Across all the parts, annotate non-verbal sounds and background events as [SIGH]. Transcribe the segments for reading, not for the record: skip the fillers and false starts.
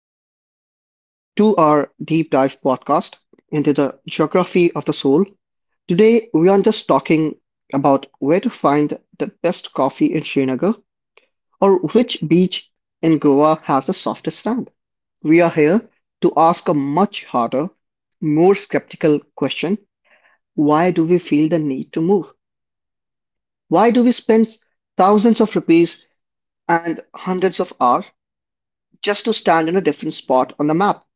chapter of a 2-hour deep dive podcast into the geography of the soul. Today, we aren't just talking about where to find the best coffee in Srinagar or which beach in Goa has the softest sand. We are here to ask a much harder, more skeptical question: why do we feel the need to move? Why do we spend thousands of rupees and hundreds of hours just to stand in a different spot on the map?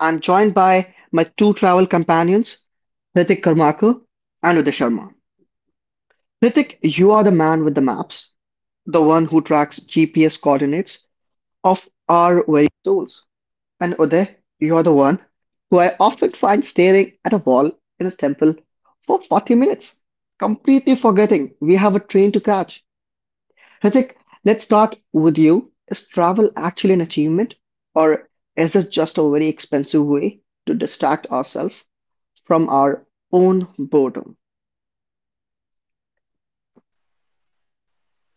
I'm joined by my two travel companions, Hrithik Karmakar and Uday Sharma. Hrithik, you are the man with the maps, the one who tracks GPS coordinates of our very souls. And Uday, you are the one who I often find staring at a wall in a temple for 40 minutes, completely forgetting we have a train to catch. Hrithik, let's start with you. Is travel actually an achievement, or is it just a very expensive way to distract ourselves from our own boredom?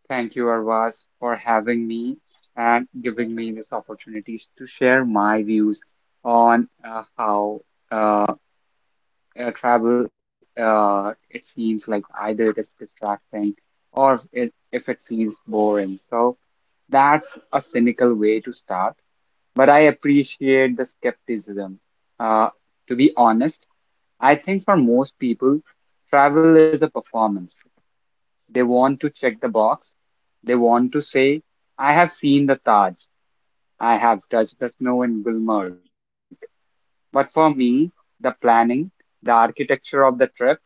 Thank you, Arvaz, for having me and giving me this opportunity to share my views on how uh, air travel it seems like either it is distracting if it feels boring. So that's a cynical way to start, but I appreciate the skepticism. Uh, to be honest, I think for most people, travel is a performance. They want to check the box. They want to say, I have seen the Taj. I have touched the snow in Gulmarg. But for me, the planning, the architecture of the trip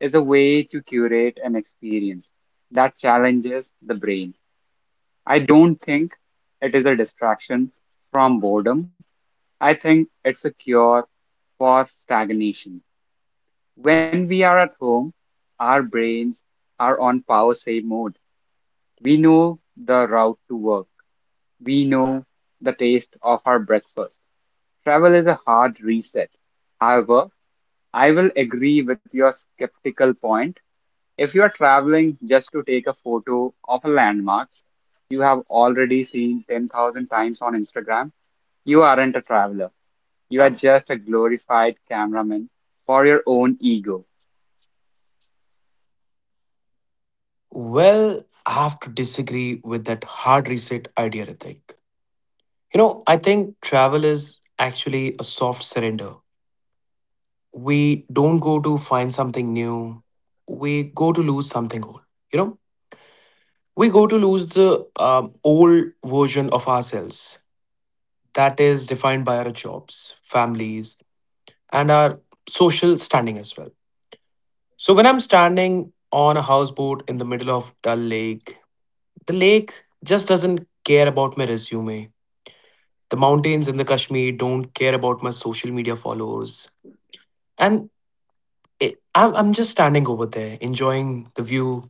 is a way to curate an experience that challenges the brain. I don't think it is a distraction from boredom. I think it's a cure for stagnation. When we are at home, our brains are on power save mode. We know the route to work. We know the taste of our breakfast. Travel is a hard reset. However, I will agree with your skeptical point. If you are traveling just to take a photo of a landmark you have already seen 10,000 times Instagram, you aren't a traveler. You are just a glorified cameraman for your own ego. Well, I have to disagree with that hard reset idea, Ritik. You know, I think travel is actually a soft surrender. We don't go to find something new, we go to lose something old. You know, we go to lose the old version of ourselves that is defined by our jobs, families, and our social standing as well. So when I'm standing on a houseboat in the middle of Dull Lake, the lake just doesn't care about my resume. The mountains in the Kashmir don't care about my social media followers. And I'm just standing over there, enjoying the view.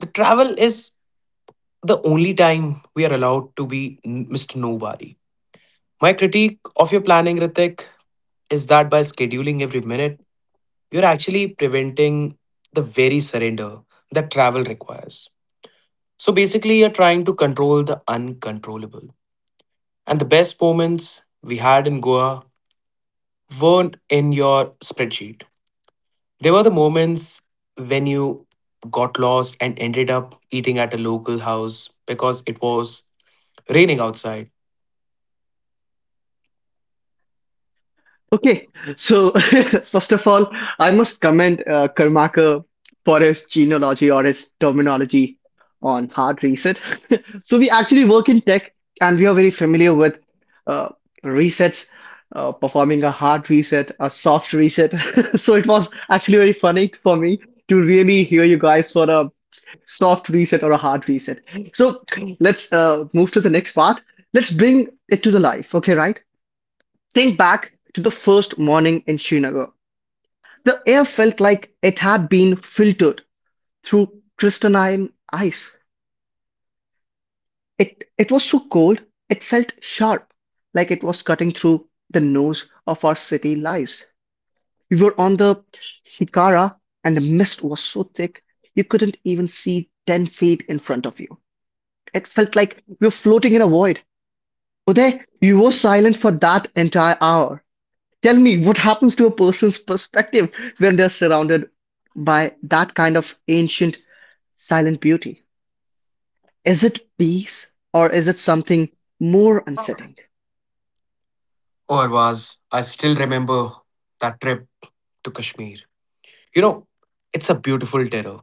The travel is the only time we are allowed to be Mr. Nobody. My critique of your planning, Ritik, is that by scheduling every minute, you're actually preventing the very surrender that travel requires. So basically, you're trying to control the uncontrollable. And the best moments we had in Goa weren't in your spreadsheet. There were the moments when you got lost and ended up eating at a local house because it was raining outside. Okay, so [LAUGHS] first of all, I must commend Karmaka for his genealogy or his terminology on hard reset. [LAUGHS] So we actually work in tech and we are very familiar with uh, resets, performing a hard reset, a soft reset. [LAUGHS] So it was actually very funny for me to really hear you guys for a soft reset or a hard reset. So let's move to the next part. Let's bring it to the life. Okay, right? Think back to the first morning in Srinagar. The air felt like it had been filtered through crystalline ice. It was so cold, it felt sharp, like it was cutting through the nose of our city lives. We were on the Shikara, and the mist was so thick you couldn't even see 10 feet in front of you. It felt like we were floating in a void. Uday, you were silent for that entire hour. Tell me, what happens to a person's perspective when they're surrounded by that kind of ancient silent beauty? Is it peace or is it something more unsettling? Or was I still remember that trip to Kashmir? You know, it's a beautiful terror.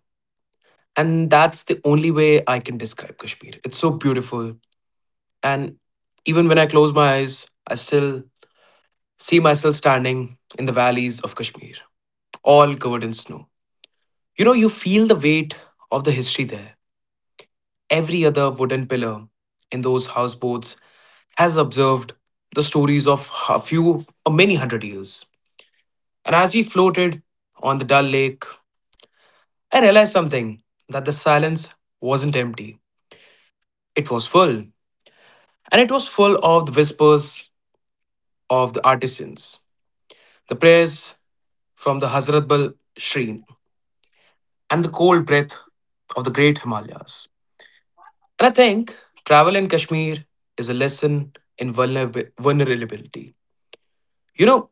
And that's the only way I can describe Kashmir. It's so beautiful. And even when I close my eyes, I still see myself standing in the valleys of Kashmir, all covered in snow. You know, you feel the weight of the history there. Every other wooden pillar in those houseboats has observed the stories of a few or many hundred years. And as we floated on the dull lake, I realized something that the silence wasn't empty, it was full. And it was full of the whispers of the artisans, the prayers from the Hazratbal Shrine, and the cold breath of the great Himalayas. And I think travel in Kashmir is a lesson in vulnerability. You know,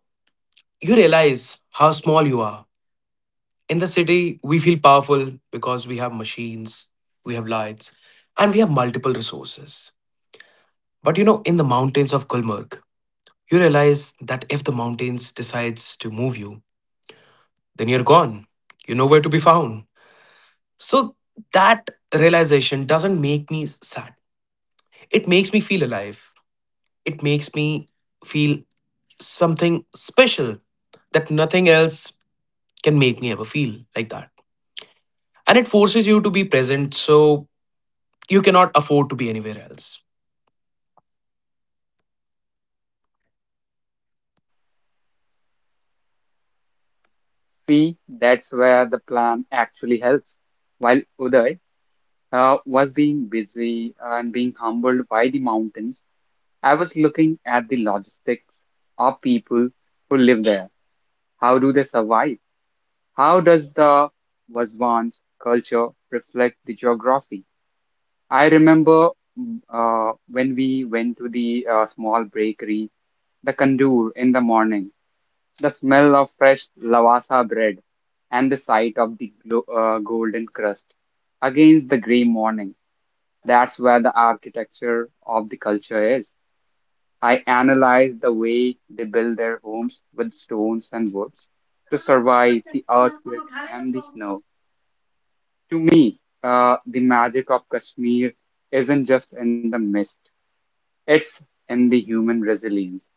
you realize how small you are. In the city, we feel powerful because we have machines, we have lights, and we have multiple resources. But you know, in the mountains of Gulmarg, you realize that if the mountains decides to move you, then you're gone. You're nowhere to be found. So that realization doesn't make me sad. It makes me feel alive. It makes me feel something special that nothing else can make me ever feel like that. And it forces you to be present, so you cannot afford to be anywhere else. See, that's where the plan actually helps. While Uday was being busy and being humbled by, I was looking at the logistics of people who live there. How do they survive? How does the Vasvan's culture reflect the geography? I remember when we went to the small bakery, the tandoor in the morning, the smell of fresh lavasa bread, and the sight of the golden crust against the grey morning. That's where the architecture of the culture is. I analyze the way they build their homes with stones and woods to survive the earthquake and the snow. To me, the magic of Kashmir isn't just in the mist, it's in the human resilience.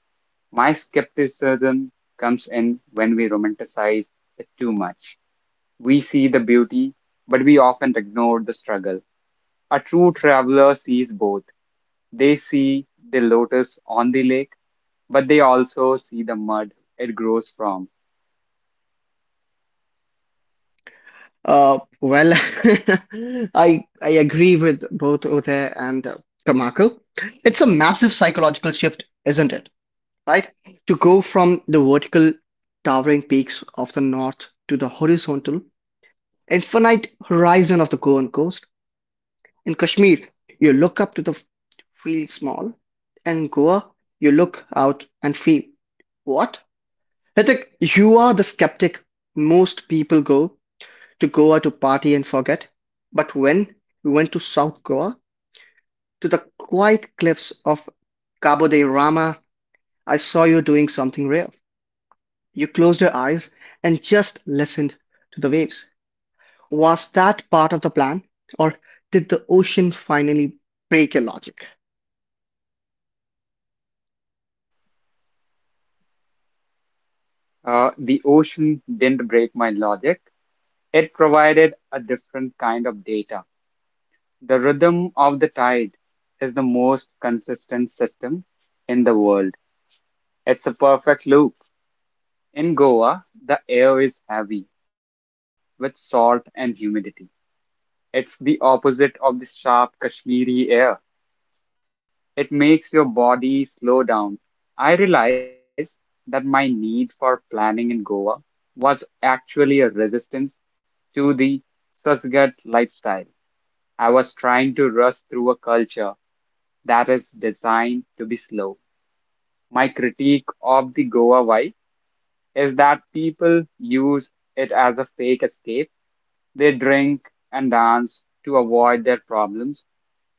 My skepticism comes in when we romanticize it too much. We see the beauty, but we often ignore the struggle. A true traveler sees both. They see the lotus on the lake, but they also see the mud it grows from. Well, [LAUGHS] I agree with both Uday and Tamako. It's a massive psychological shift, isn't it, right? To go from the vertical towering peaks of the north to the horizontal infinite horizon of the Goan coast. In Kashmir, you look up to the feel small. In Goa, you look out and feel what? Hrithik, you are the skeptic. Most people go to Goa to party and forget. But when we went to South Goa, to the quiet cliffs of Cabo de Rama, I saw you doing something rare. You closed your eyes and just listened to the waves. Was that part of the plan, or did the ocean finally break your logic? The ocean didn't break my logic. It provided a different kind of data. The rhythm of the tide is the most consistent system in the world. It's a perfect loop. In Goa, the air is heavy with salt and humidity. It's the opposite of the sharp Kashmiri air. It makes your body slow down. I realized that my need for planning in Goa was actually a resistance to the Susgat lifestyle. I was trying to rush through a culture that is designed to be slow. My critique of the Goa vibe is that people use it as a fake escape. They drink and dance to avoid their problems.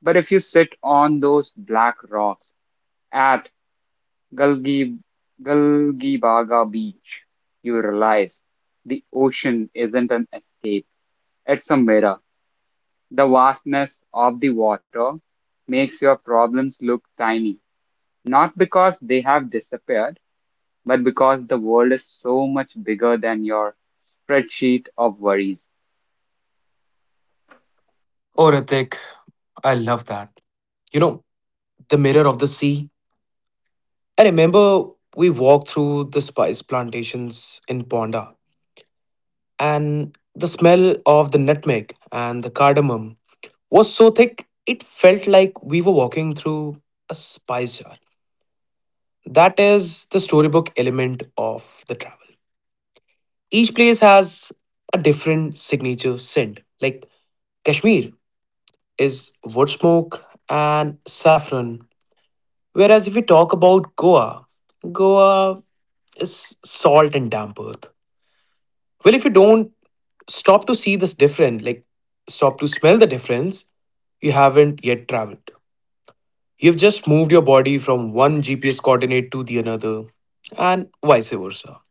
But if you sit on those black rocks, at Galgi, Galgibaga Beach, you realize the ocean isn't an escape. It's a mirror. The vastness of the water makes your problems look tiny, not because they have disappeared, but because the world is so much bigger than your spreadsheet of worries. Oh, Ritik, I love that. You know, the mirror of the sea. I remember we walked through the spice plantations in Ponda, and the smell of the nutmeg and the cardamom was so thick, it felt like we were walking through a spice jar. That is the storybook element of the travel. Each place has a different signature scent. Like Kashmir is wood smoke and saffron. Whereas if we talk about Goa, Goa is salt and damp earth. Well, if you don't stop to see this difference, like stop to smell the difference, you haven't yet traveled. You've just moved your body from one GPS coordinate to the another, and vice versa.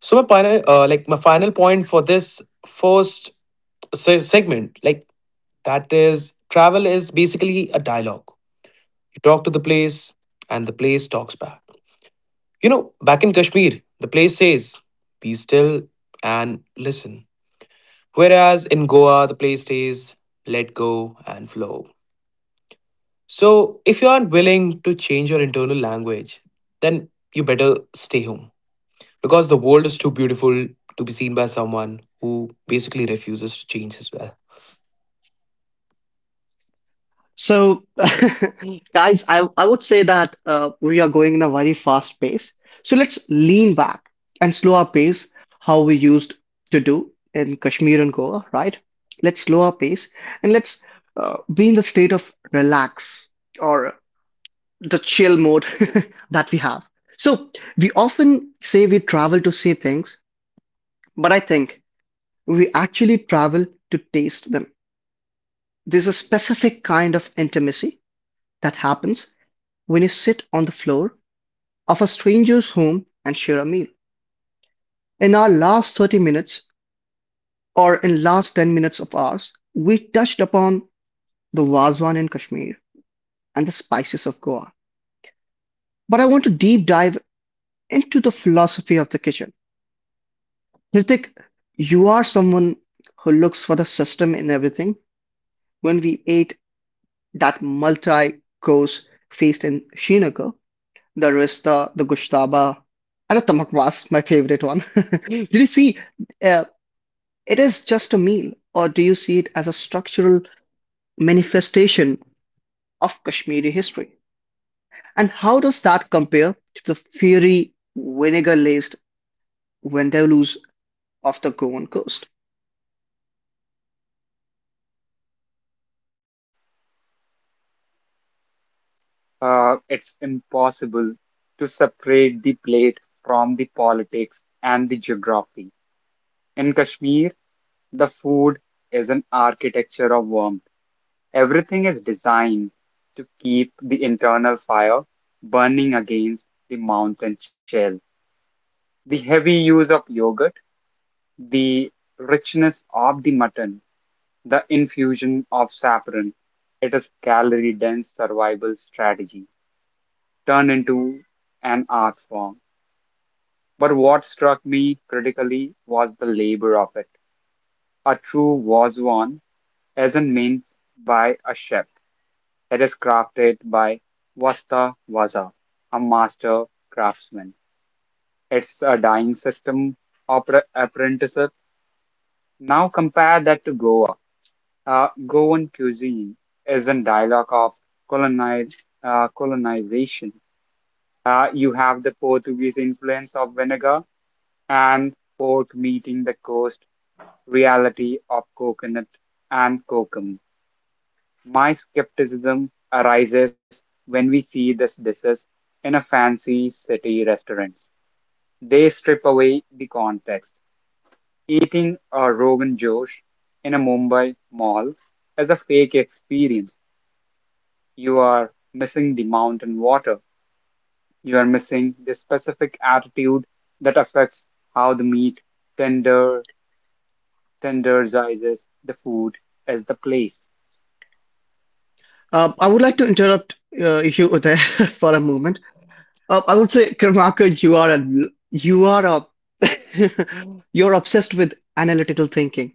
So my final point for this first segment, like that is travel is basically a dialogue. You talk to the place, and the place talks back. You know, back in Kashmir, the place says, "Be still and listen," whereas in Goa, the place says, "Let go and flow." So, if you aren't willing to change your internal language, then you better stay home because the world is too beautiful to be seen by someone who basically refuses to change as well. So, [LAUGHS] guys, I would say that we are going in a very fast pace. So, let's lean back and slow our pace, how we used to do in Kashmir and Goa, right? Let's slow our pace and let's be in the state of relax or the chill mode [LAUGHS] that we have. So we often say we travel to see things, but I think we actually travel to taste them. There's a specific kind of intimacy that happens when you sit on the floor of a stranger's home and share a meal. In our last 30 minutes or in last 10 minutes of ours, we touched upon the Wazwan in Kashmir and the spices of Goa. But I want to deep dive into the philosophy of the kitchen. Hrithik, you are someone who looks for the system in everything. When we ate that multi-course feast in Srinagar, the rista, the gushtaba, and the tamak was my favorite one. [LAUGHS] Did you see uh, it is just a meal, or do you see it as a structural manifestation of Kashmiri history? And how does that compare to the fiery vinegar-laced Vindaloo of the Goan coast? It's impossible to separate the plate from the politics and the geography. In Kashmir, the food is an architecture of warmth. Everything is designed to keep the internal fire burning against the mountain shell. The heavy use of yogurt, the richness of the mutton, the infusion of saffron, it is calorie-dense survival strategy turned into an art form. But what struck me critically was the labor of it. A true wazwan isn't meant by a chef. That is crafted by Vasta Vaza, a master craftsman. It's a dying system opera apprenticeship. Now compare that to Goa. Goan cuisine is in dialogue of colonize, colonization. You have the Portuguese influence of vinegar and port meeting the coast reality of coconut and kokum. My skepticism arises when we see this dishes in a fancy city restaurants. They strip away the context. Eating a Rogan Josh in a Mumbai mall is a fake experience. You are missing the mountain water. You are missing the specific attitude that affects how the meat tender tenderizes the food as the place. I would like to interrupt you there [LAUGHS] for a moment. I would say, Karmaka, you are a [LAUGHS] you're obsessed with analytical thinking,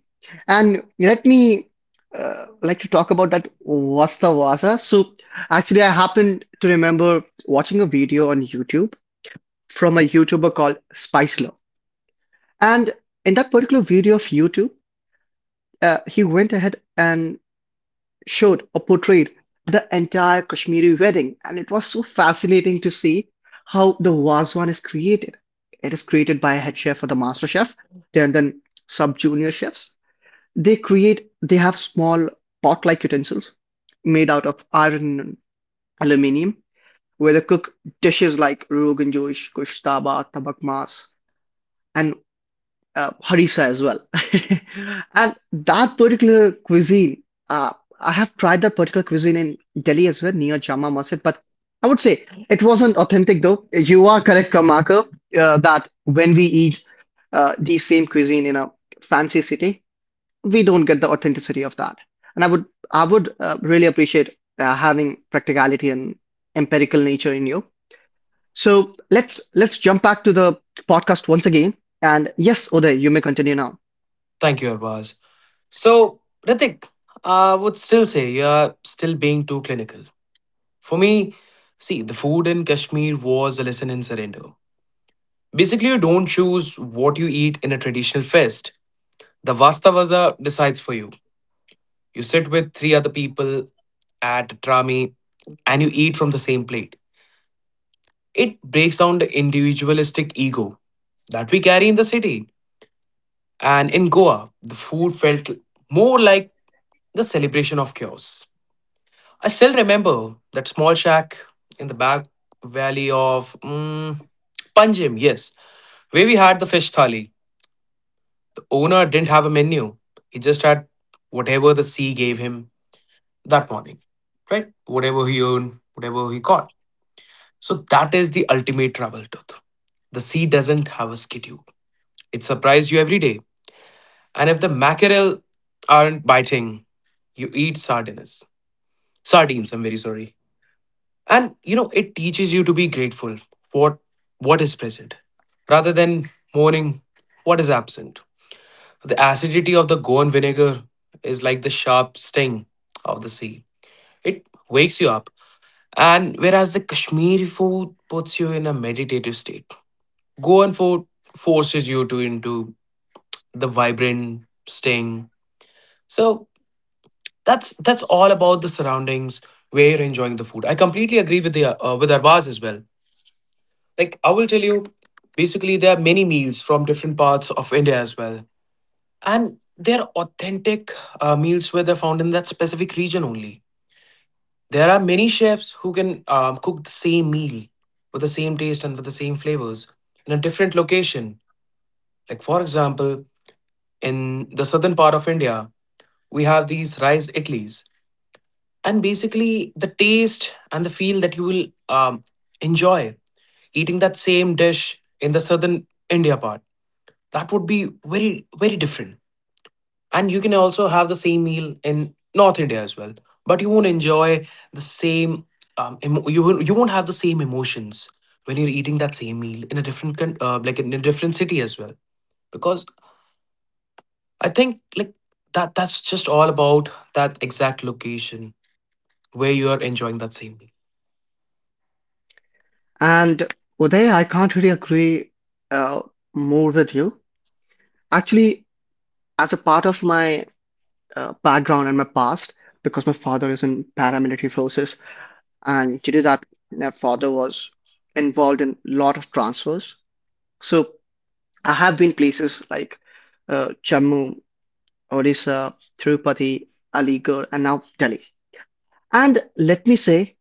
and let me like to talk about that Vasta Vasa. So, actually, I happened to remember watching a video on YouTube from a YouTuber called Spice Love, and in that particular video of YouTube, he went ahead and showed or portrayed the entire Kashmiri wedding, and it was so fascinating to see how the Wazwan is created. It is created by a head chef or the master chef, and then sub junior chefs. They have small pot like utensils made out of iron and aluminium, where they cook dishes like Rogan Josh, Kushtaba, Tabak Mas, and harissa as well. [LAUGHS] And that particular cuisine, uh, I have tried that particular cuisine in Delhi as well, near Jama Masjid, but I would say it wasn't authentic though. You are correct, Kamaka, that when we eat the same cuisine in a fancy city, we don't get the authenticity of that. And I would really appreciate having practicality and empirical nature in you. So let's jump back to the podcast once again. And yes, Uday, you may continue now. Thank you, Arvaz. So, Ritik, I would still say you're still being too clinical. For me, see, the food in Kashmir was a lesson in surrender. Basically, you don't choose what you eat in a traditional fest. The Vastavaza decides for you. You sit with three other people at Trami and you eat from the same plate. It breaks down the individualistic ego that we carry in the city. And in Goa, the food felt more like the celebration of chaos. I still remember that small shack in the back valley of Panjim, yes, where we had the fish thali. The owner didn't have a menu, he just had whatever the sea gave him that morning, right? Whatever he earned, whatever he caught. So that is the ultimate travel truth. The sea doesn't have a schedule. It surprises you every day. And if the mackerel aren't biting, you eat sardines. Sardines, I'm very sorry. And you know, it teaches you to be grateful for what is present. Rather than mourning what is absent. The acidity of the Goan vinegar is like the sharp sting of the sea. It wakes you up. And whereas the Kashmiri food puts you in a meditative state, Goan food forces you to into the vibrant sting. So that's all about the surroundings where you're enjoying the food. I completely agree with the with Arvaz as well. Like, I will tell you, basically there are many meals from different parts of India as well. And they're authentic meals where they're found in that specific region only. There are many chefs who can cook the same meal with the same taste and with the same flavors in a different location. Like for example, in the southern part of India, we have these rice idlis. And basically the taste and the feel that you will enjoy eating that same dish in the southern India part, that would be very, very different. And you can also have the same meal in north India as well, but you won't enjoy the same you won't have the same emotions when you're eating that same meal in a different like in a different city as well. Because I think, like, that's just all about that exact location where you are enjoying that same meal. And Uday, I can't really agree uh, more with you. Actually, as a part of my background and my past, because my father is in paramilitary forces, and due to that, my father was involved in lot of transfers. So I have been places like Jammu, Odisha, Tirupati, Aligarh, and now Delhi. And let me say,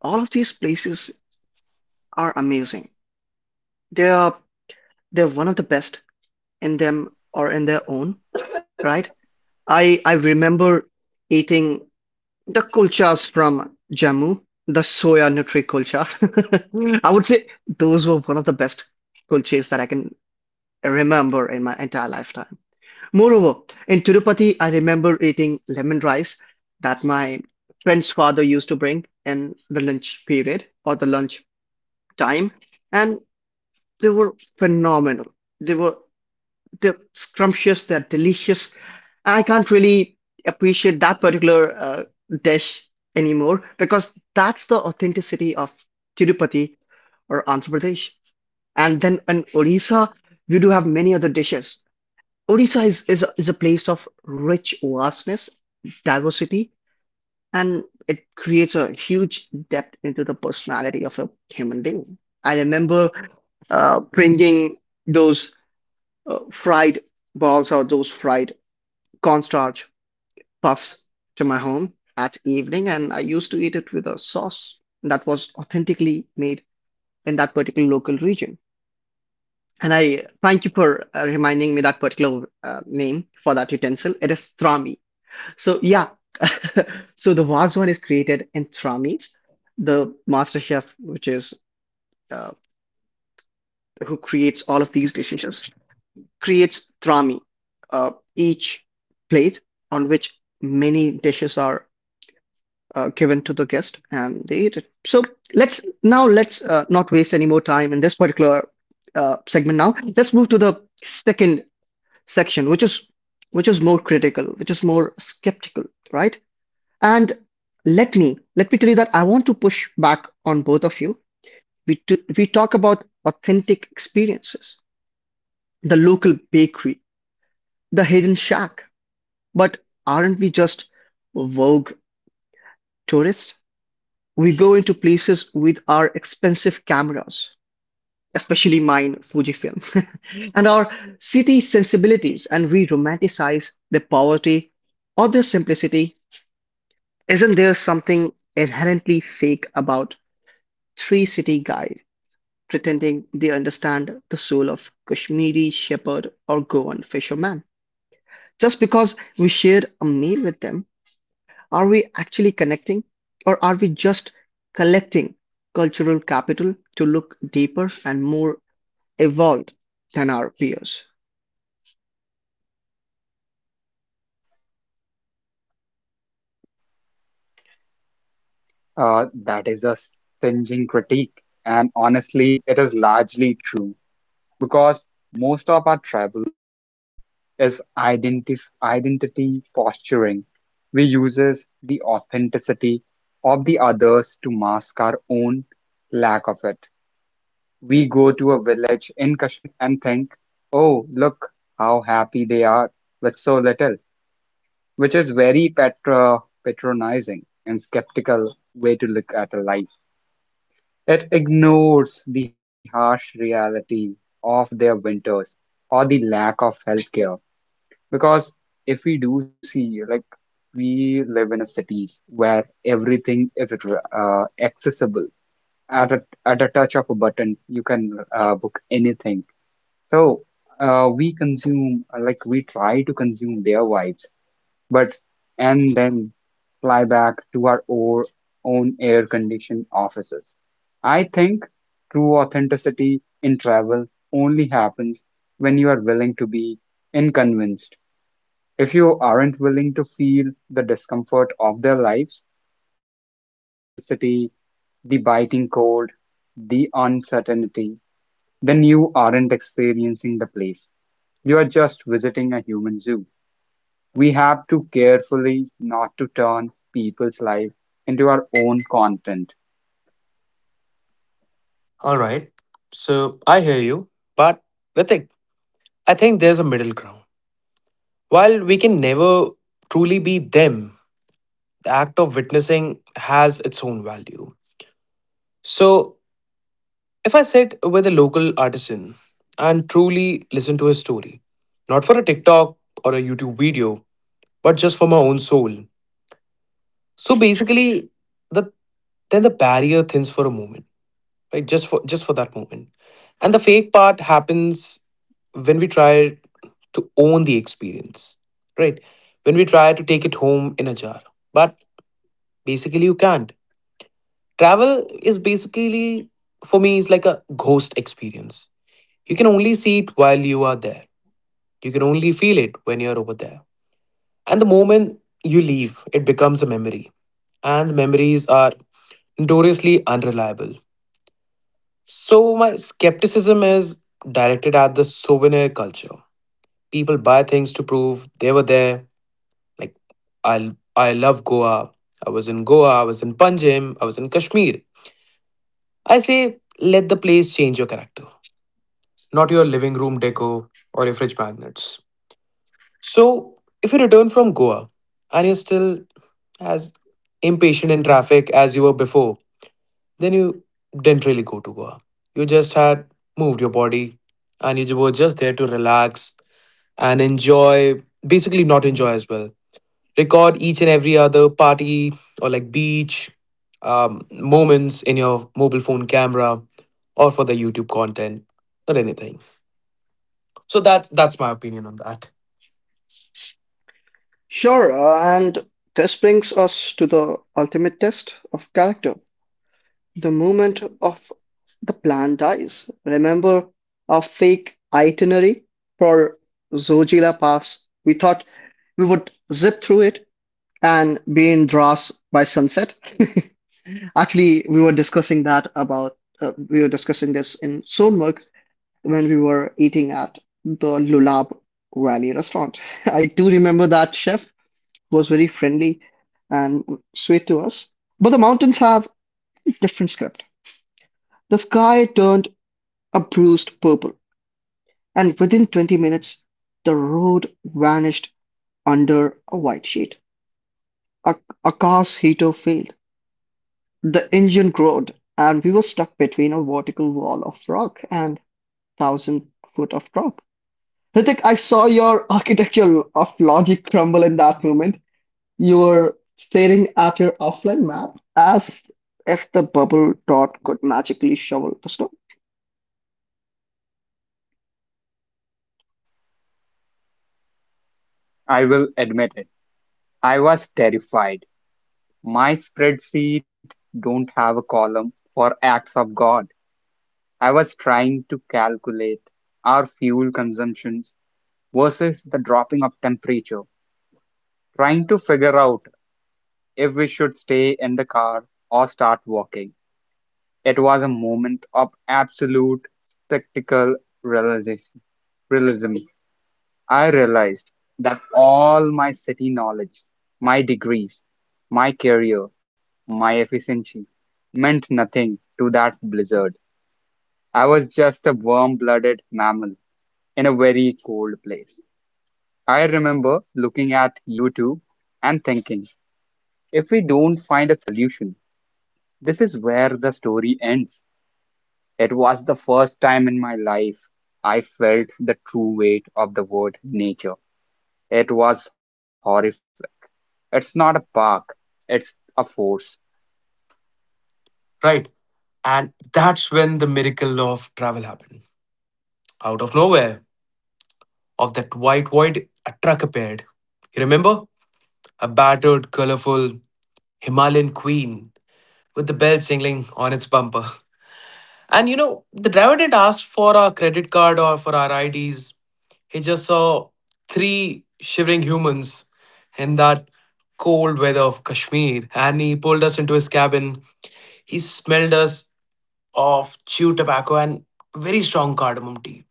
all of these places are amazing. They are they're one of the best in them or in their own, right? I remember eating the kulchas from Jammu, the soya nutri kulcha. [LAUGHS] I would say those were one of the best kulches that I can remember in my entire lifetime. Moreover, in Tirupati, I remember eating lemon rice that my friend's father used to bring in the lunch period or the lunch time, and they were phenomenal. They were the scrumptious, they're delicious. And I can't really appreciate that particular dish anymore because that's the authenticity of Tirupati or Andhra Pradesh. And then in Odisha, we do have many other dishes. Odisha is a place of rich vastness, diversity, and it creates a huge depth into the personality of a human being. I remember bringing those fried balls or those fried cornstarch puffs to my home at evening, and I used to eat it with a sauce that was authentically made in that particular local region. And I thank you for reminding me that particular name for that utensil. It is trami. So yeah, [LAUGHS] so the one is created in tramis. The master chef, which is uh, who creates all of these dishes, creates trami, each plate on which many dishes are given to the guest and they eat it. So let's now, let's not waste any more time in this particular segment. Now let's move to the second section, which is more critical, which is more skeptical, right? And let me tell you that I want to push back on both of you. We we talk about authentic experiences, the local bakery, the hidden shack, but aren't we just vogue tourists? We go into places with our expensive cameras, especially mine, Fujifilm, [LAUGHS] and our city sensibilities, and we romanticize their poverty or their simplicity. Isn't there something inherently fake about three city guys pretending they understand the soul of Kashmiri shepherd or Goan fisherman just because we shared a meal with them? Are we actually connecting, or are we just collecting cultural capital to look deeper and more evolved than our peers? That is a stinging critique, and honestly, it is largely true because most of our travel today is identif identity posturing. We uses the authenticity of the others to mask our own lack of it. We go to a village in Kashmir and think, "Oh, look how happy they are with so little," which is very patronizing and skeptical way to look at a life. It ignores the harsh reality of their winters or the lack of healthcare. Because if we do see, like, we live in a cities where everything is accessible. At a touch of a button, you can book anything. So like, we try to consume their vibes but and then fly back to our own air conditioned offices. I think true authenticity in travel only happens when you are willing to be inconvenienced. If you aren't willing to feel the discomfort of lives, the lack of electricity, the biting cold, the uncertainty, then you aren't experiencing the place. You are just visiting a human zoo. We have to carefully not to turn people's lives into our own content. All right. So I hear you, but Ritik, I think there's a middle ground. While we can never truly be them, the act of witnessing has its own value. So if I sit with a local artisan and truly listen to his story, not for a TikTok or a YouTube video, but just for my own soul. So basically, the then the barrier thins for a moment. Right, just for that moment. And the fake part happens when we try to own the experience, right, when we try to take it home in a jar. But basically, you can't. Travel is basically for me is like a ghost experience. You can only see it while you are there. You can only feel it when you're over there. And the moment you leave, it becomes a memory. And memories are notoriously unreliable. So, my skepticism is directed at the souvenir culture. People buy things to prove they were there. Like, I love Goa. I was in Goa. I was in Panjim. I was in Kashmir. I say, let the place change your character, not your living room deco or your fridge magnets. So, if you return from Goa and you're still as impatient in traffic as you were before, then you didn't really go to Goa. You just had moved your body and you were just there to relax and enjoy, basically, not enjoy as well. Record each and every other party or like beach moments in your mobile phone camera or for the YouTube content or anything. So that's my opinion on that. Sure, and this brings us to the ultimate test of character, the moment of the plan dies. Remember our fake itinerary for Zojila Pass? We thought we would zip through it and be in Dras by sunset. [LAUGHS] Actually, we were discussing this in Solmuk when we were eating at the Lulab Valley restaurant. [LAUGHS] I do remember that chef was very friendly and sweet to us. But the mountains have different script. The sky turned a bruised purple, and within 20 minutes, the road vanished under a white sheet. A, a car's heater failed. The engine groaned, and we were stuck between a vertical wall of rock and 1,000 foot of drop. Hrithik, I saw your architecture of logic crumble in that moment. You were staring at your offline map as if the bubble dot could magically shovel the snow. I will admit it. I was terrified. My spreadsheet don't have a column for acts of God. I was trying to calculate our fuel consumptions versus the dropping of temperature, trying to figure out if we should stay in the car or start walking. It was a moment of absolute spectacle realization realism. I realized that all my city knowledge, my degrees, my career, my efficiency meant nothing to that blizzard. I was just a warm blooded mammal in a very cold place. I remember looking at YouTube and thinking, if we don't find a solution, this is where the story ends. It was the first time in my life I felt the true weight of the word nature. It was horrific. It's not a park, it's a force. Right. And that's when the miracle of travel happened. Out of nowhere, of that white void, a truck appeared. You remember? A battered, colorful Himalayan queen with the bell jingling on its bumper. And you know, the driver didn't ask for our credit card or for our IDs. He just saw three shivering humans in that cold weather of Kashmir. And he pulled us into his cabin. He smelled us of chewed tobacco and very strong cardamom tea.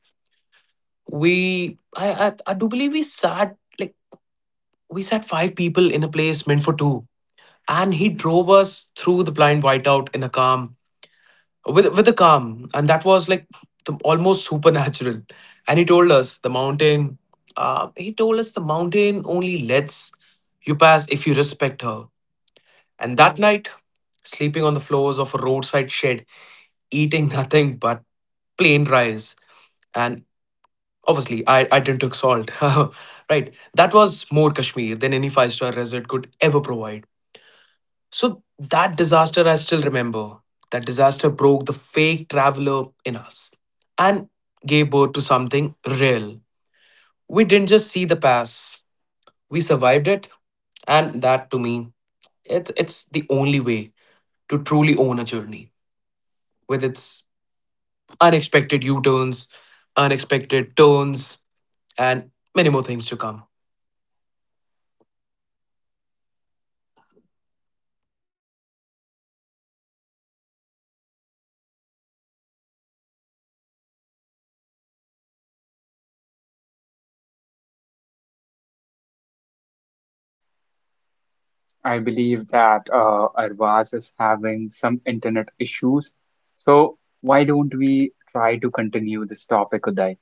I do believe we sat five people in a place meant for two, and he drove us through the blind whiteout in a calm with a calm, and that was like almost supernatural. And he told us the mountain only lets you pass if you respect her. And that night, sleeping on the floors of a roadside shed, eating [LAUGHS] nothing but plain rice, and obviously I didn't took salt [LAUGHS] right, that was more Kashmir than any five-star resort could ever provide. So that disaster, I still remember. That disaster broke the fake traveler in us and gave birth to something real. We didn't just see the past, we survived it. And that to me, it's the only way to truly own a journey with its unexpected U turns, unexpected turns, and many more things to come. I believe that Arvaz is having some internet issues. So, why don't we try to continue this topic, Uday?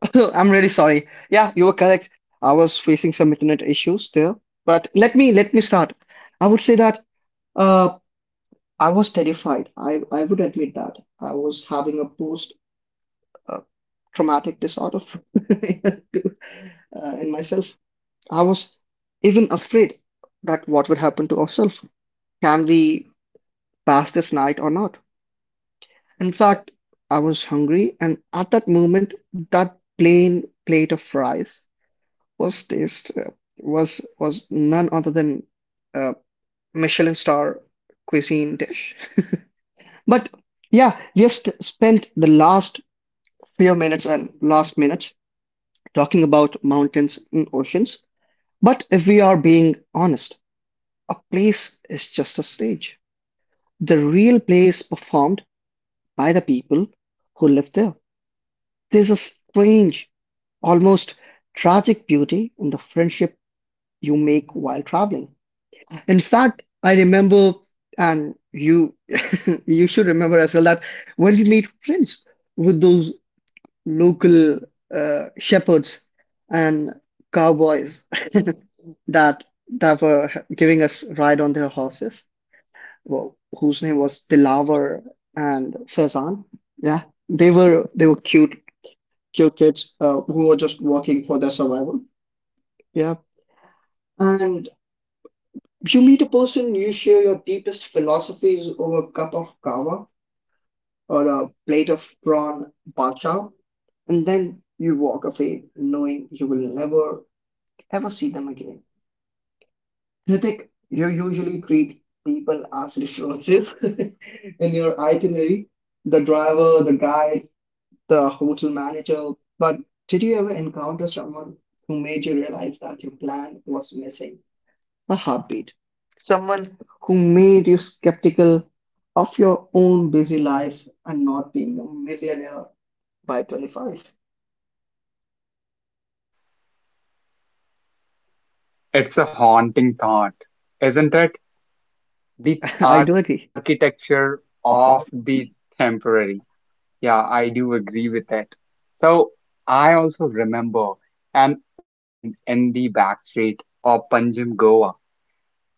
[LAUGHS] I'm really sorry. Yeah, you were correct. I was facing some internet issues there. But let me start. I would say that uh, I was terrified. I would admit that I was having a post uh, traumatic disorder [LAUGHS] uh, in myself. I was even afraid that what would happen to ourselves. Can we pass this night or not? In fact, I was hungry, and at that moment, that plain plate of rice was taste was none other than a Michelin star cuisine dish. But yeah, we have spent the last few minutes and last minutes talking about mountains and oceans. But if we are being honest, a place is just a stage. The real play is performed by the people who live there. There's a strange, almost tragic beauty in the friendship you make while traveling. In fact, I remember, and you [LAUGHS] you should remember as well that when we made friends with those local shepherds and cowboys [LAUGHS] that that were giving us ride on their horses, well, whose name was Dilaver and Faizan. Yeah, they were cute kids who were just working for their survival. Yeah, and you meet a person, you share your deepest philosophies over a cup of kava or a plate of prawn bacha, and then you walk away knowing you will never ever see them again. Hrithik, you usually treat people as resources [LAUGHS] in your itinerary, the driver, the guide, the hotel manager. But did you ever encounter someone who made you realize that your plan was missing a heartbeat? Someone who made you skeptical of your own busy life and not being a millionaire by 25? It's a haunting thought, isn't it? [LAUGHS] The I do agree. architecture of the temporary. Yeah, I do agree with that. So, I also remember an old man in the back street of Panjim, Goa.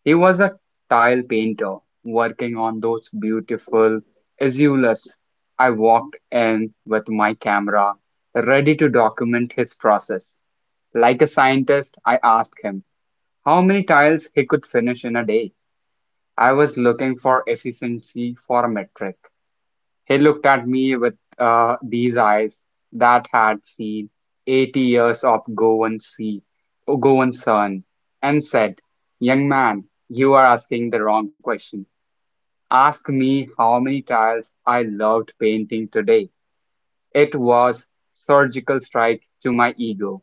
He was a tile painter, working on those beautiful azules. I walked in with my camera, ready to document his process. Like a scientist, I asked him how many tiles he could finish in a day. I was looking for efficiency for a metric. He looked at me with these eyes that had seen 80 years of Goan sea, Goan sun, and said, Young man, you are asking the wrong question. Ask me how many tiles I loved painting today. It was surgical strike to my ego.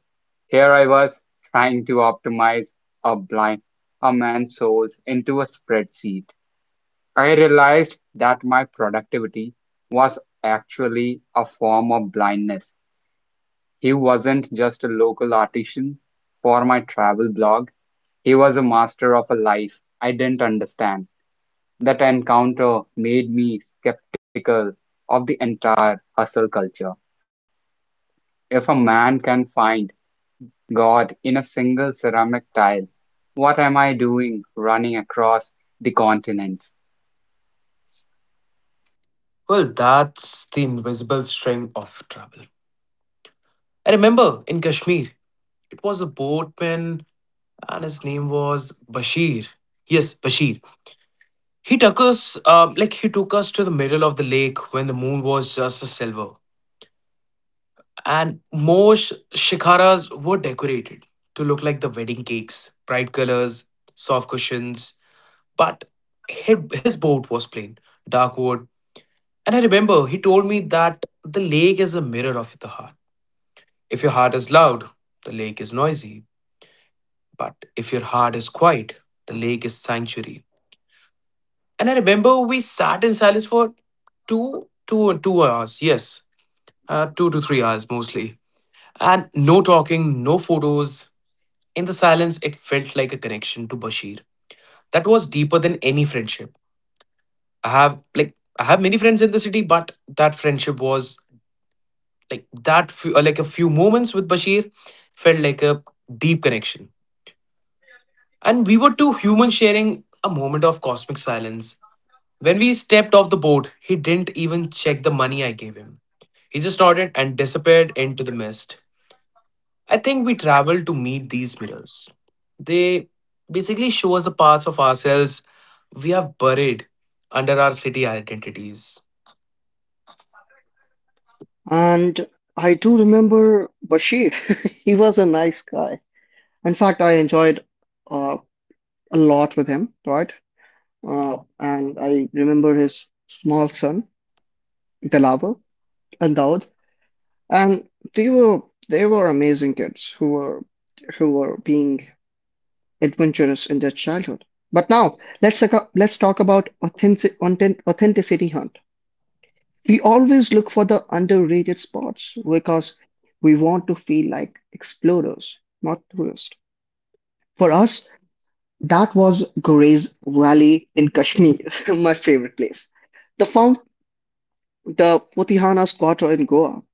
Here I was trying to optimize a blind a man's souls into a spreadsheet. I realized that my productivity was actually a form of blindness. He wasn't just a local artisan for my travel blog, he was a master of a life I didn't understand. That encounter made me skeptical of the entire hustle culture. If a man can find God in a single ceramic tile, what am I doing running across the continents? Well, that's the invisible string of travel. I remember in Kashmir, it was a boatman and his name was Bashir. Yes, Bashir. He took us, like he took us to the middle of the lake when the moon was just a silver, and more shikharas were decorated to look like the wedding cakes, bright colors, soft cushions. But his boat was plain, dark wood. And I remember he told me that the lake is a mirror of the heart. If your heart is loud, the lake is noisy. But if your heart is quiet, the lake is sanctuary. And I remember we sat in silence for 2 hours. Yes, 2 to 3 hours mostly. And no talking, no photos. In the silence, it felt like a connection to Bashir that was deeper than any friendship. I have many friends in the city, but that friendship was like that few, like a few moments with Bashir felt like a deep connection. And we were two humans sharing a moment of cosmic silence. When we stepped off the boat, he didn't even check the money I gave him. He just nodded and disappeared into the mist. I think we travel to meet these mirrors. They basically show us the parts of ourselves we have buried under our city identities. And I do remember Bashir. [LAUGHS] He was a nice guy. In fact, I enjoyed uh, a lot with him, right? And I remember his small son, Dilaver and Daud. And they were they were amazing kids who were being adventurous in their childhood. But now let's talk about authenticity hunt. We always look for the underrated spots because we want to feel like explorers, not tourists. For us, that was Gorez Valley in Kashmir, [LAUGHS] my favorite place. The found the Putihana squatter in Goa.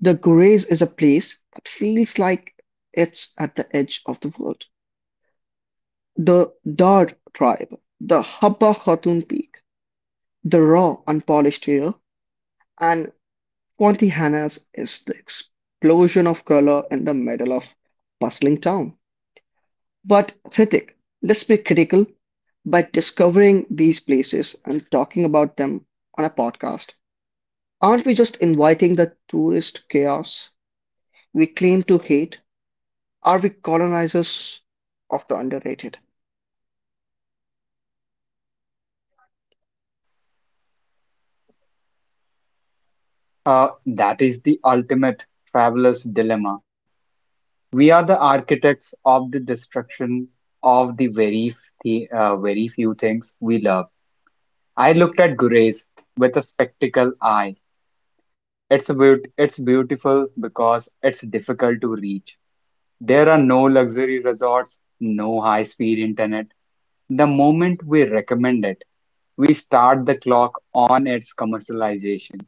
The Gurez is a place that feels like it's at the edge of the world. The Dard tribe, the Habba Khatun peak, the raw unpolished hair, and Pontihanas is the explosion of color in the middle of bustling town. But Hrithik, let's be critical. By discovering these places and talking about them on a podcast, aren't we just inviting the tourist chaos we claim to hate? Are we colonizers of the underrated? That is the ultimate traveler's dilemma. We are the architects of the destruction of the very few things we love. I looked at Gurez with a spectacle eye. It's it's beautiful because it's difficult to reach. There are no luxury resorts, no high speed internet. The moment we recommend it, we start the clock on its commercialization.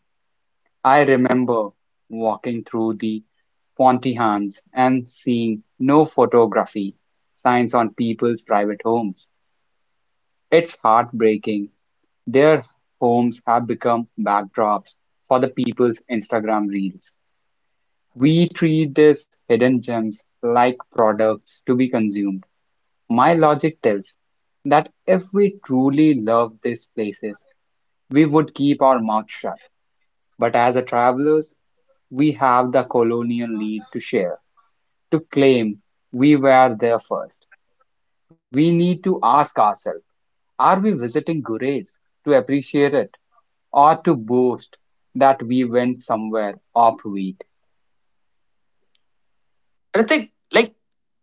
I remember walking through the Pontryans and seeing no photography signs on people's private homes. It's heartbreaking. Their homes have become backdrops for the people's Instagram reels. We treat these hidden gems like products to be consumed. My logic tells that if we truly love these places, we would keep our mouth shut. But as a travelers, we have the colonial need to share, to claim we were there first. We need to ask ourselves, are we visiting Gurez to appreciate it or to boast that we went somewhere offbeat? And I think, like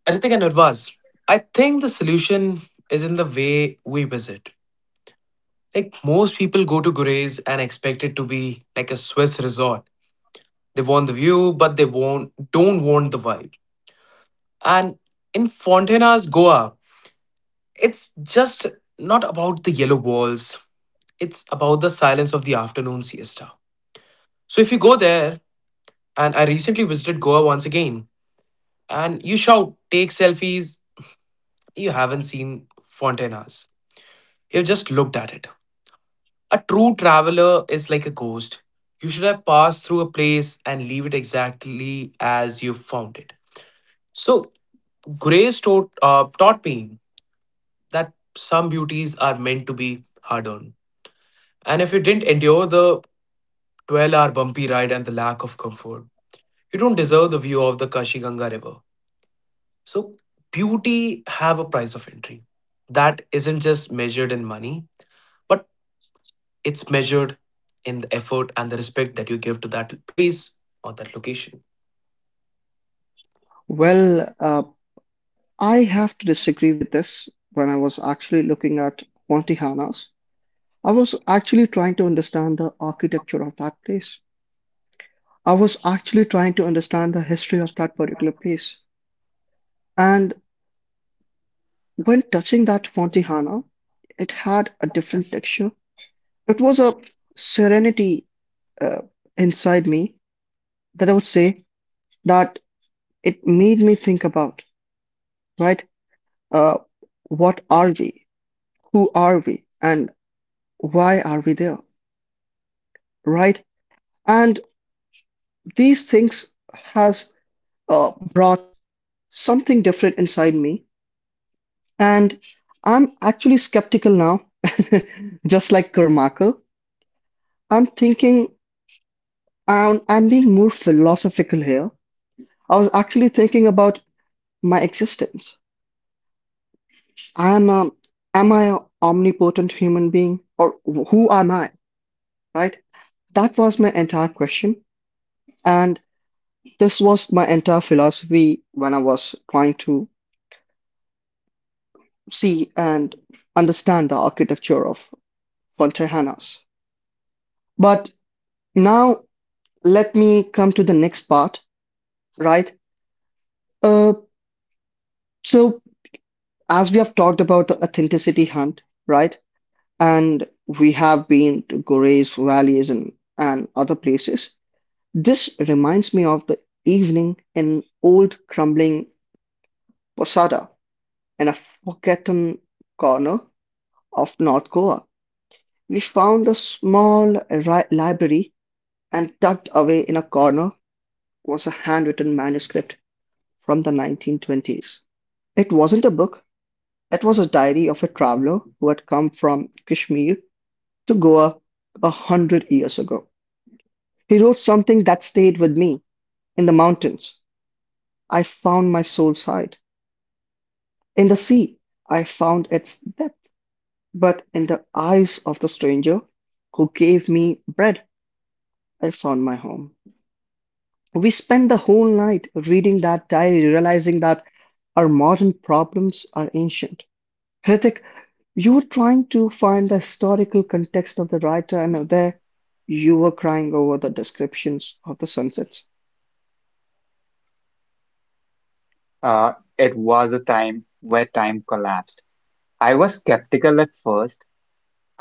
Ritik and Urvas, I think the solution is in the way we visit. Like most people go to Gurez and expect it to be like a Swiss resort. They want the view, but they won't don't want the vibe. And in Fontena's Goa, it's just not about the yellow walls, it's about the silence of the afternoon siesta. So if you go there, and I recently visited Goa once again, and you shout, take selfies, you haven't seen Fontenas. You've just looked at it. A true traveler is like a ghost. You should have passed through a place and leave it exactly as you found it. So, Grace taught me that some beauties are meant to be hard earned. And if you didn't endure the 12-hour bumpy ride and the lack of comfort. You don't deserve the view of the Kashi Ganga River. So, beauty have a price of entry. That isn't just measured in money, but it's measured in the effort and the respect that you give to that place or that location. Well, uh, I have to disagree with this. When I was actually looking at Montijanas, I was actually trying to understand the architecture of that place. I was actually trying to understand the history of that particular place. And when touching that Fontihana, it had a different texture. It was a serenity uh, inside me, that I would say that it made me think about, right? Uh, what are we? Who are we? And why are we there, right? And these things has brought something different inside me, and I'm actually skeptical now, [LAUGHS] just like Kermaker. I'm thinking, I'm being more philosophical here. I was actually thinking about my existence. I am a, am I a omnipotent human being, or who am I, right? That was my entire question, and this was my entire philosophy when I was trying to see and understand the architecture of Fontehana's. But now let me come to the next part, right? Uh, so as we have talked about the authenticity hunt, right? And we have been to Gorey's valleys and other places. This reminds me of the evening in an old crumbling posada in a forgotten corner of North Goa. We found a small library, and tucked away in a corner was a handwritten manuscript from the 1920s. It wasn't a book, it was a diary of a traveler who had come from Kashmir to Goa a hundred years ago. He wrote something that stayed with me. In the mountains, I found my soul's hide. In the sea, I found its depth, but in the eyes of the stranger who gave me bread, I found my home. We spent the whole night reading that diary, realizing that our modern problems are ancient. Hrithik, you were trying to find the historical context of the writer, and there you were crying over the descriptions of the sunsets. Uh, it was a time where time collapsed. I was skeptical at first.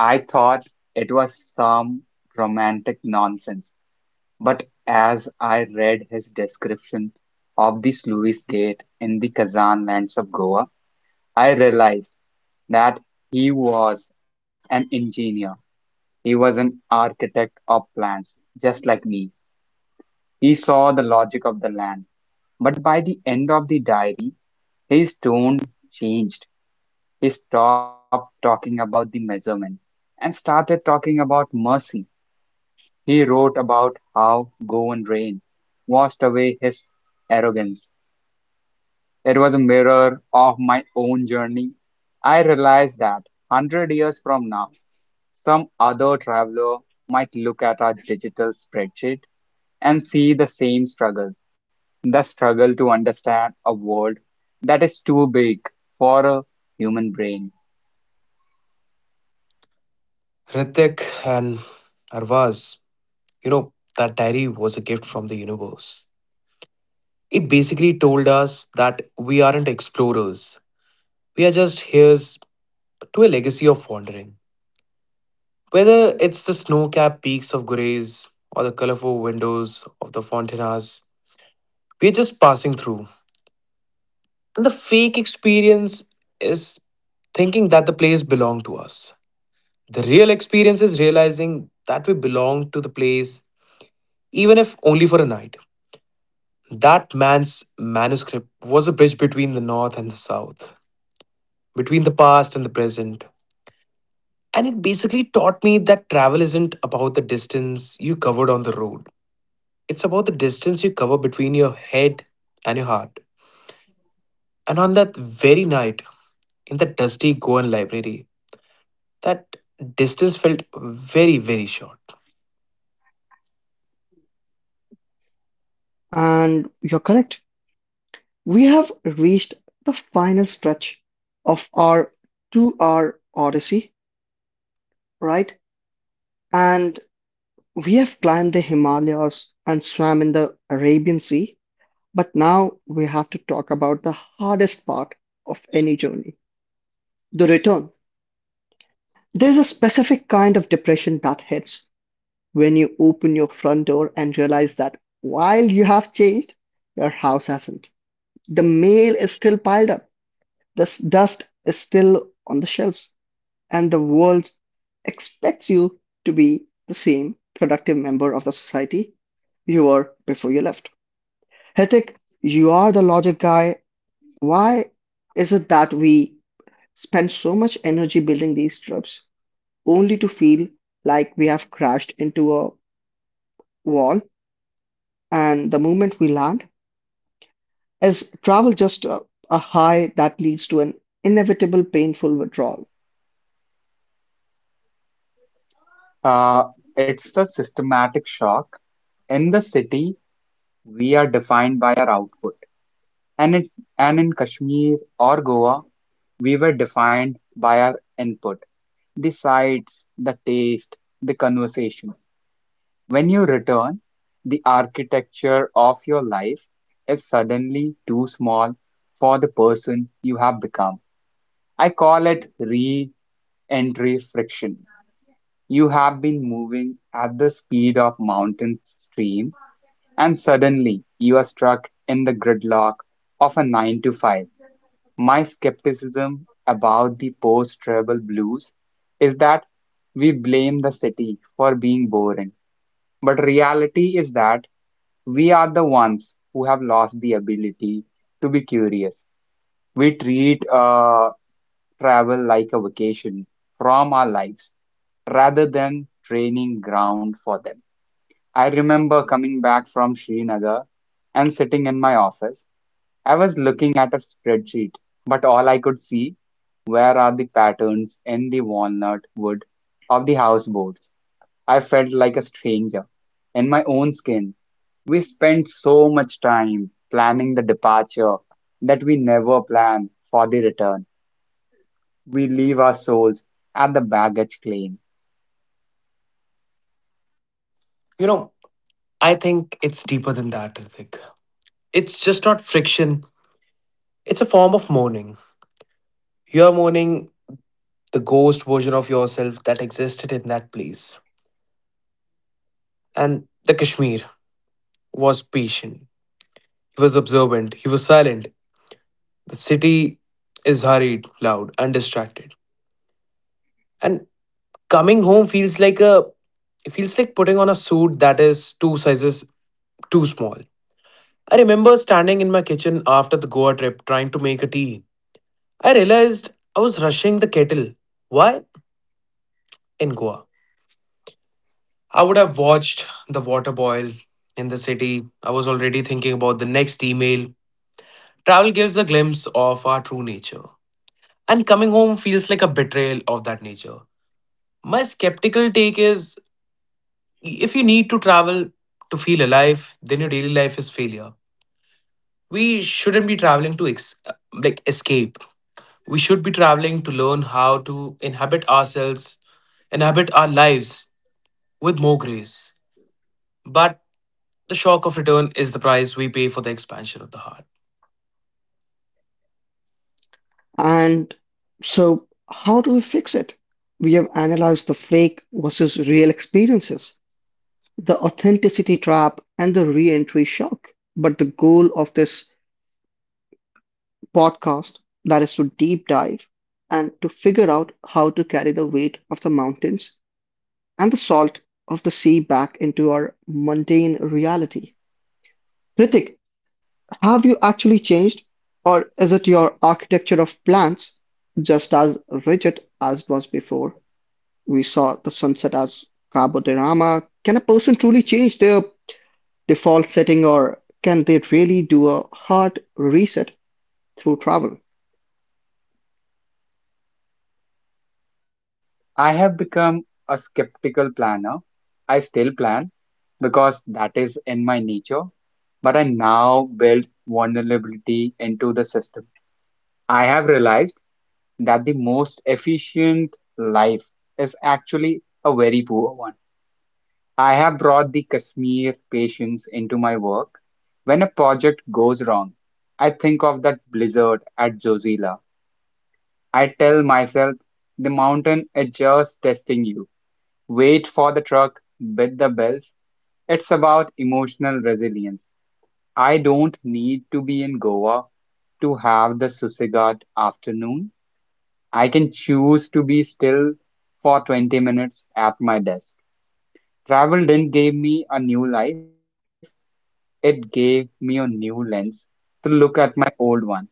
I thought it was some romantic nonsense. But as I read his description of the sluice gate in the Kazan lands of Goa, I realized that he was an engineer. He was an architect of plans, just like me. He saw the logic of the land. But by the end of the diary, his tone changed. He stopped talking about the measurement and started talking about mercy. He wrote about how go and rain washed away his arrogance. It was a mirror of my own journey. I realized that 100 years from now, some other traveler might look at our digital spreadsheet and see the same struggle, the struggle to understand a world that is too big for a human brain. Ritik and Arvaz, you know, that diary was a gift from the universe. It basically told us that we aren't explorers. We are just heirs to a legacy of wandering. Whether it's the snow capped peaks of Gurez or the colorful windows of the Fontanas, we're just passing through. And the fake experience is thinking that the place belonged to us. The real experience is realizing that we belong to the place, even if only for a night. That man's manuscript was a bridge between the north and the south, between the past and the present, and it basically taught me that travel isn't about the distance you covered on the road. It's about the distance you cover between your head and your heart. And on that very night, in that dusty Goan library, that distance felt very, very short. And you're correct. We have reached the final stretch of our 2 hour odyssey, right? And we have climbed the Himalayas and swam in the Arabian Sea, but now we have to talk about the hardest part of any journey, the return. There's a specific kind of depression that hits when you open your front door and realize that while you have changed, your house hasn't. The mail is still piled up, the dust is still on the shelves, and the world expects you to be the same productive member of the society you were before you left. Hithik, you are the logic guy. Why is it that we spend so much energy building these trips only to feel like we have crashed into a wall and the moment we land? Is travel just a high that leads to an inevitable painful withdrawal? Uh, it's a systematic shock. In the city, we are defined by our output, and in, and in Kashmir or Goa, we were defined by our input, the sights, the taste, the conversation. When you return, the architecture of your life is suddenly too small for the person you have become. I call it re entry friction. You have been moving at the speed of mountain stream, and suddenly you are struck in the gridlock of a 9 to 5. My skepticism about the post travel blues is that we blame the city for being boring but reality is that we are the ones who have lost the ability to be curious. We treat travel like a vacation from our lives rather than training ground for them. I remember coming back from Srinagar and sitting in my office. I was looking at a spreadsheet, but all I could see where are the patterns in the walnut wood of the houseboats. I felt like a stranger in my own skin. We spend so much time planning the departure that we never plan for the return. We leave our souls at the baggage claim. You know, I think it's deeper than that, Hrithik. It's just not friction, it's a form of mourning. You're mourning the ghost version of yourself that existed in that place. And the Kashmir was patient. He was observant, he was silent. The city is hurried, loud, and distracted. And coming home feels like a it feels like putting on a suit that is two sizes too small. I remember standing in my kitchen after the Goa trip trying to make a tea. I realized I was rushing the kettle. Why? In Goa. I would have watched the water boil in the city. I was already thinking about the next email. Travel gives a glimpse of our true nature, and coming home feels like a betrayal of that nature. My skeptical take is if you need to travel to feel alive, then your daily life is failure. We shouldn't be traveling to like escape. We should be traveling to learn how to inhabit ourselves, inhabit our lives with more grace. But the shock of return is the price we pay for the expansion of the heart. And so, how do we fix it? We have analyzed the fake versus real experiences, the authenticity trap, and the re entry shock. But the goal of this podcast, that is to deep dive and to figure out how to carry the weight of the mountains and the salt of the sea back into our mundane reality. Ritik, have you actually changed, or is it your architecture of plans just as rigid as it was before? We saw the sunset as carbodirama. Can a person truly change their default setting, or can they really do a hard reset through travel? I have become a skeptical planner. I still plan because that is in my nature, but I now build vulnerability into the system. I have realized that the most efficient life is actually a very poor one. I have brought the Kashmir patience into my work. When a project goes wrong, I think of that blizzard at Jozila. I tell myself, the mountain is just testing you. Wait for the truck with the bells. It's about emotional resilience. I don't need to be in Goa to have the Susigat afternoon. I can choose to be still for 20 minutes at my desk. Travel didn't give me a new life, it gave me a new lens to look at my old one.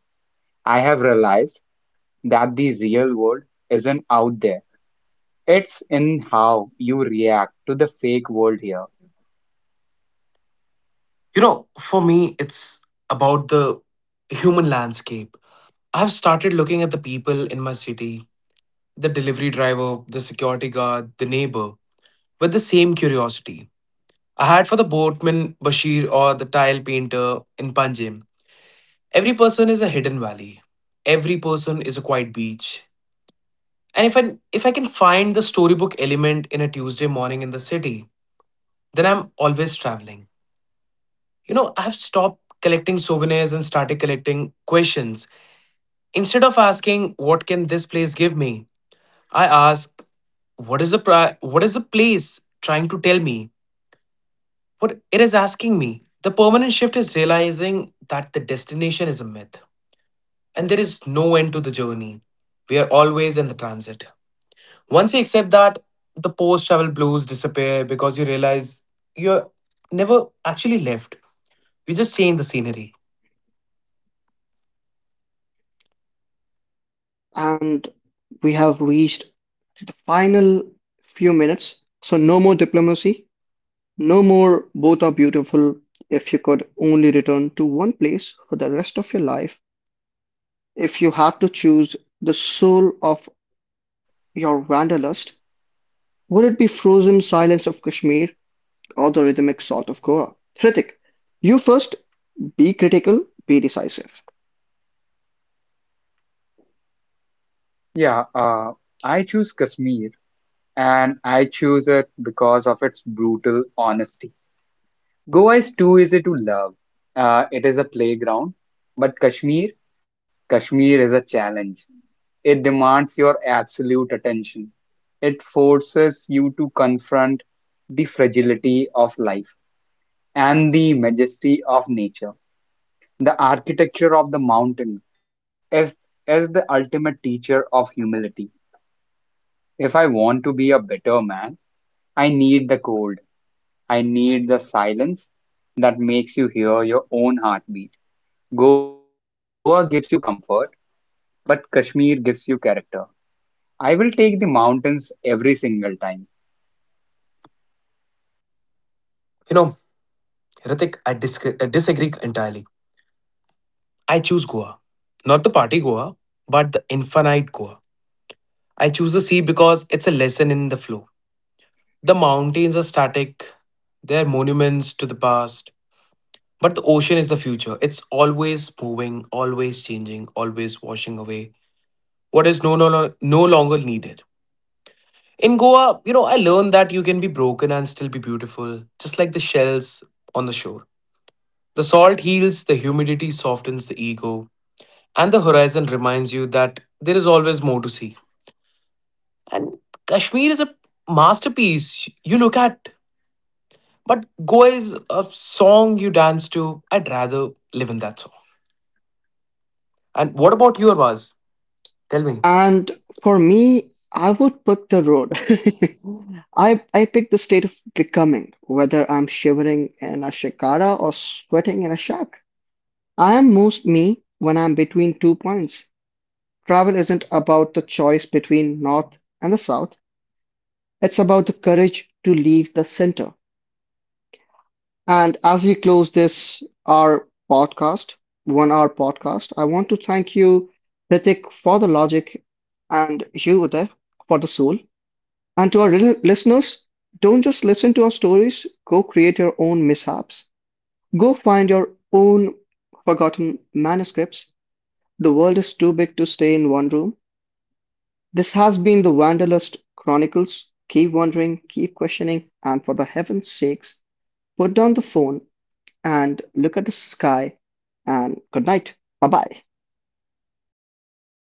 I have realized that the real world isn't out there. It's in how you react to the fake world here. You know, for me, it's about the human landscape. I've started looking at the people in my city, the delivery driver, the security guard, the neighbor, with the same curiosity I had for the boatman Bashir or the tile painter in Panjim. Every person is a hidden valley. Every person is a quiet beach. And if I can find the storybook element in a Tuesday morning in the city, then I'm always traveling. You know, I have stopped collecting souvenirs and started collecting questions. Instead of asking what can this place give me, I ask what is the place trying to tell me? What it is asking me, the permanent shift is realizing that the destination is a myth and there is no end to the journey. We are always in the transit. Once you accept that, the post travel blues disappear because you realize you're never actually left. You just change the scenery. And we have reached to the final few minutes, so no more diplomacy. No more, both are beautiful. If you could only return to one place for the rest of your life, if you had to choose the soul of your wanderlust, would it be frozen silence of Kashmir or the rhythmic salt of Goa? Hrithik, you first, be critical, be decisive. Yeah, I choose Kashmir and I choose it because of its brutal honesty. Goa is too easy to love. It is a playground, but Kashmir is a challenge. It demands your absolute attention. It forces you to confront the fragility of life and the majesty of nature. The architecture of the mountain is, is the ultimate teacher of humility. If I want to be a better man, I need the cold. I need the silence that makes you hear your own heartbeat. Goa gives you comfort, but Kashmir gives you character. I will take the mountains every single time. You know, Ritik, I disagree entirely. I choose Goa. Not the party Goa, but the infinite Goa. I choose the sea because it's a lesson in the flow. The mountains are static, they're monuments to the past, but the ocean is the future. It's always moving, always changing, always washing away what is no longer needed. In Goa, you know, I learned that you can be broken and still be beautiful, just like the shells on the shore. The salt heals, the humidity softens the ego, and the horizon reminds you that there is always more to see. And Kashmir is a masterpiece. You look at. But Goa is a song you dance to. I'd rather live in that song. And what about your Vaz? Tell me. And for me, I would pick the road. [LAUGHS] I pick the state of becoming, whether I'm shivering in a shikara or sweating in a shack. I am most me when I'm between two points. Travel isn't about the choice between North and the South. It's about the courage to leave the center. And as we close this, our podcast, 1 hour podcast, I want to thank you, Ritik, for the logic, and you, Uday, for the soul. And to our listeners, don't just listen to our stories, go create your own mishaps. Go find your own forgotten manuscripts. The world is too big to stay in one room. This has been the Wanderlust Chronicles. Keep wondering, keep questioning, and for the heaven's sakes, put down the phone and look at the sky. And good night. Bye bye.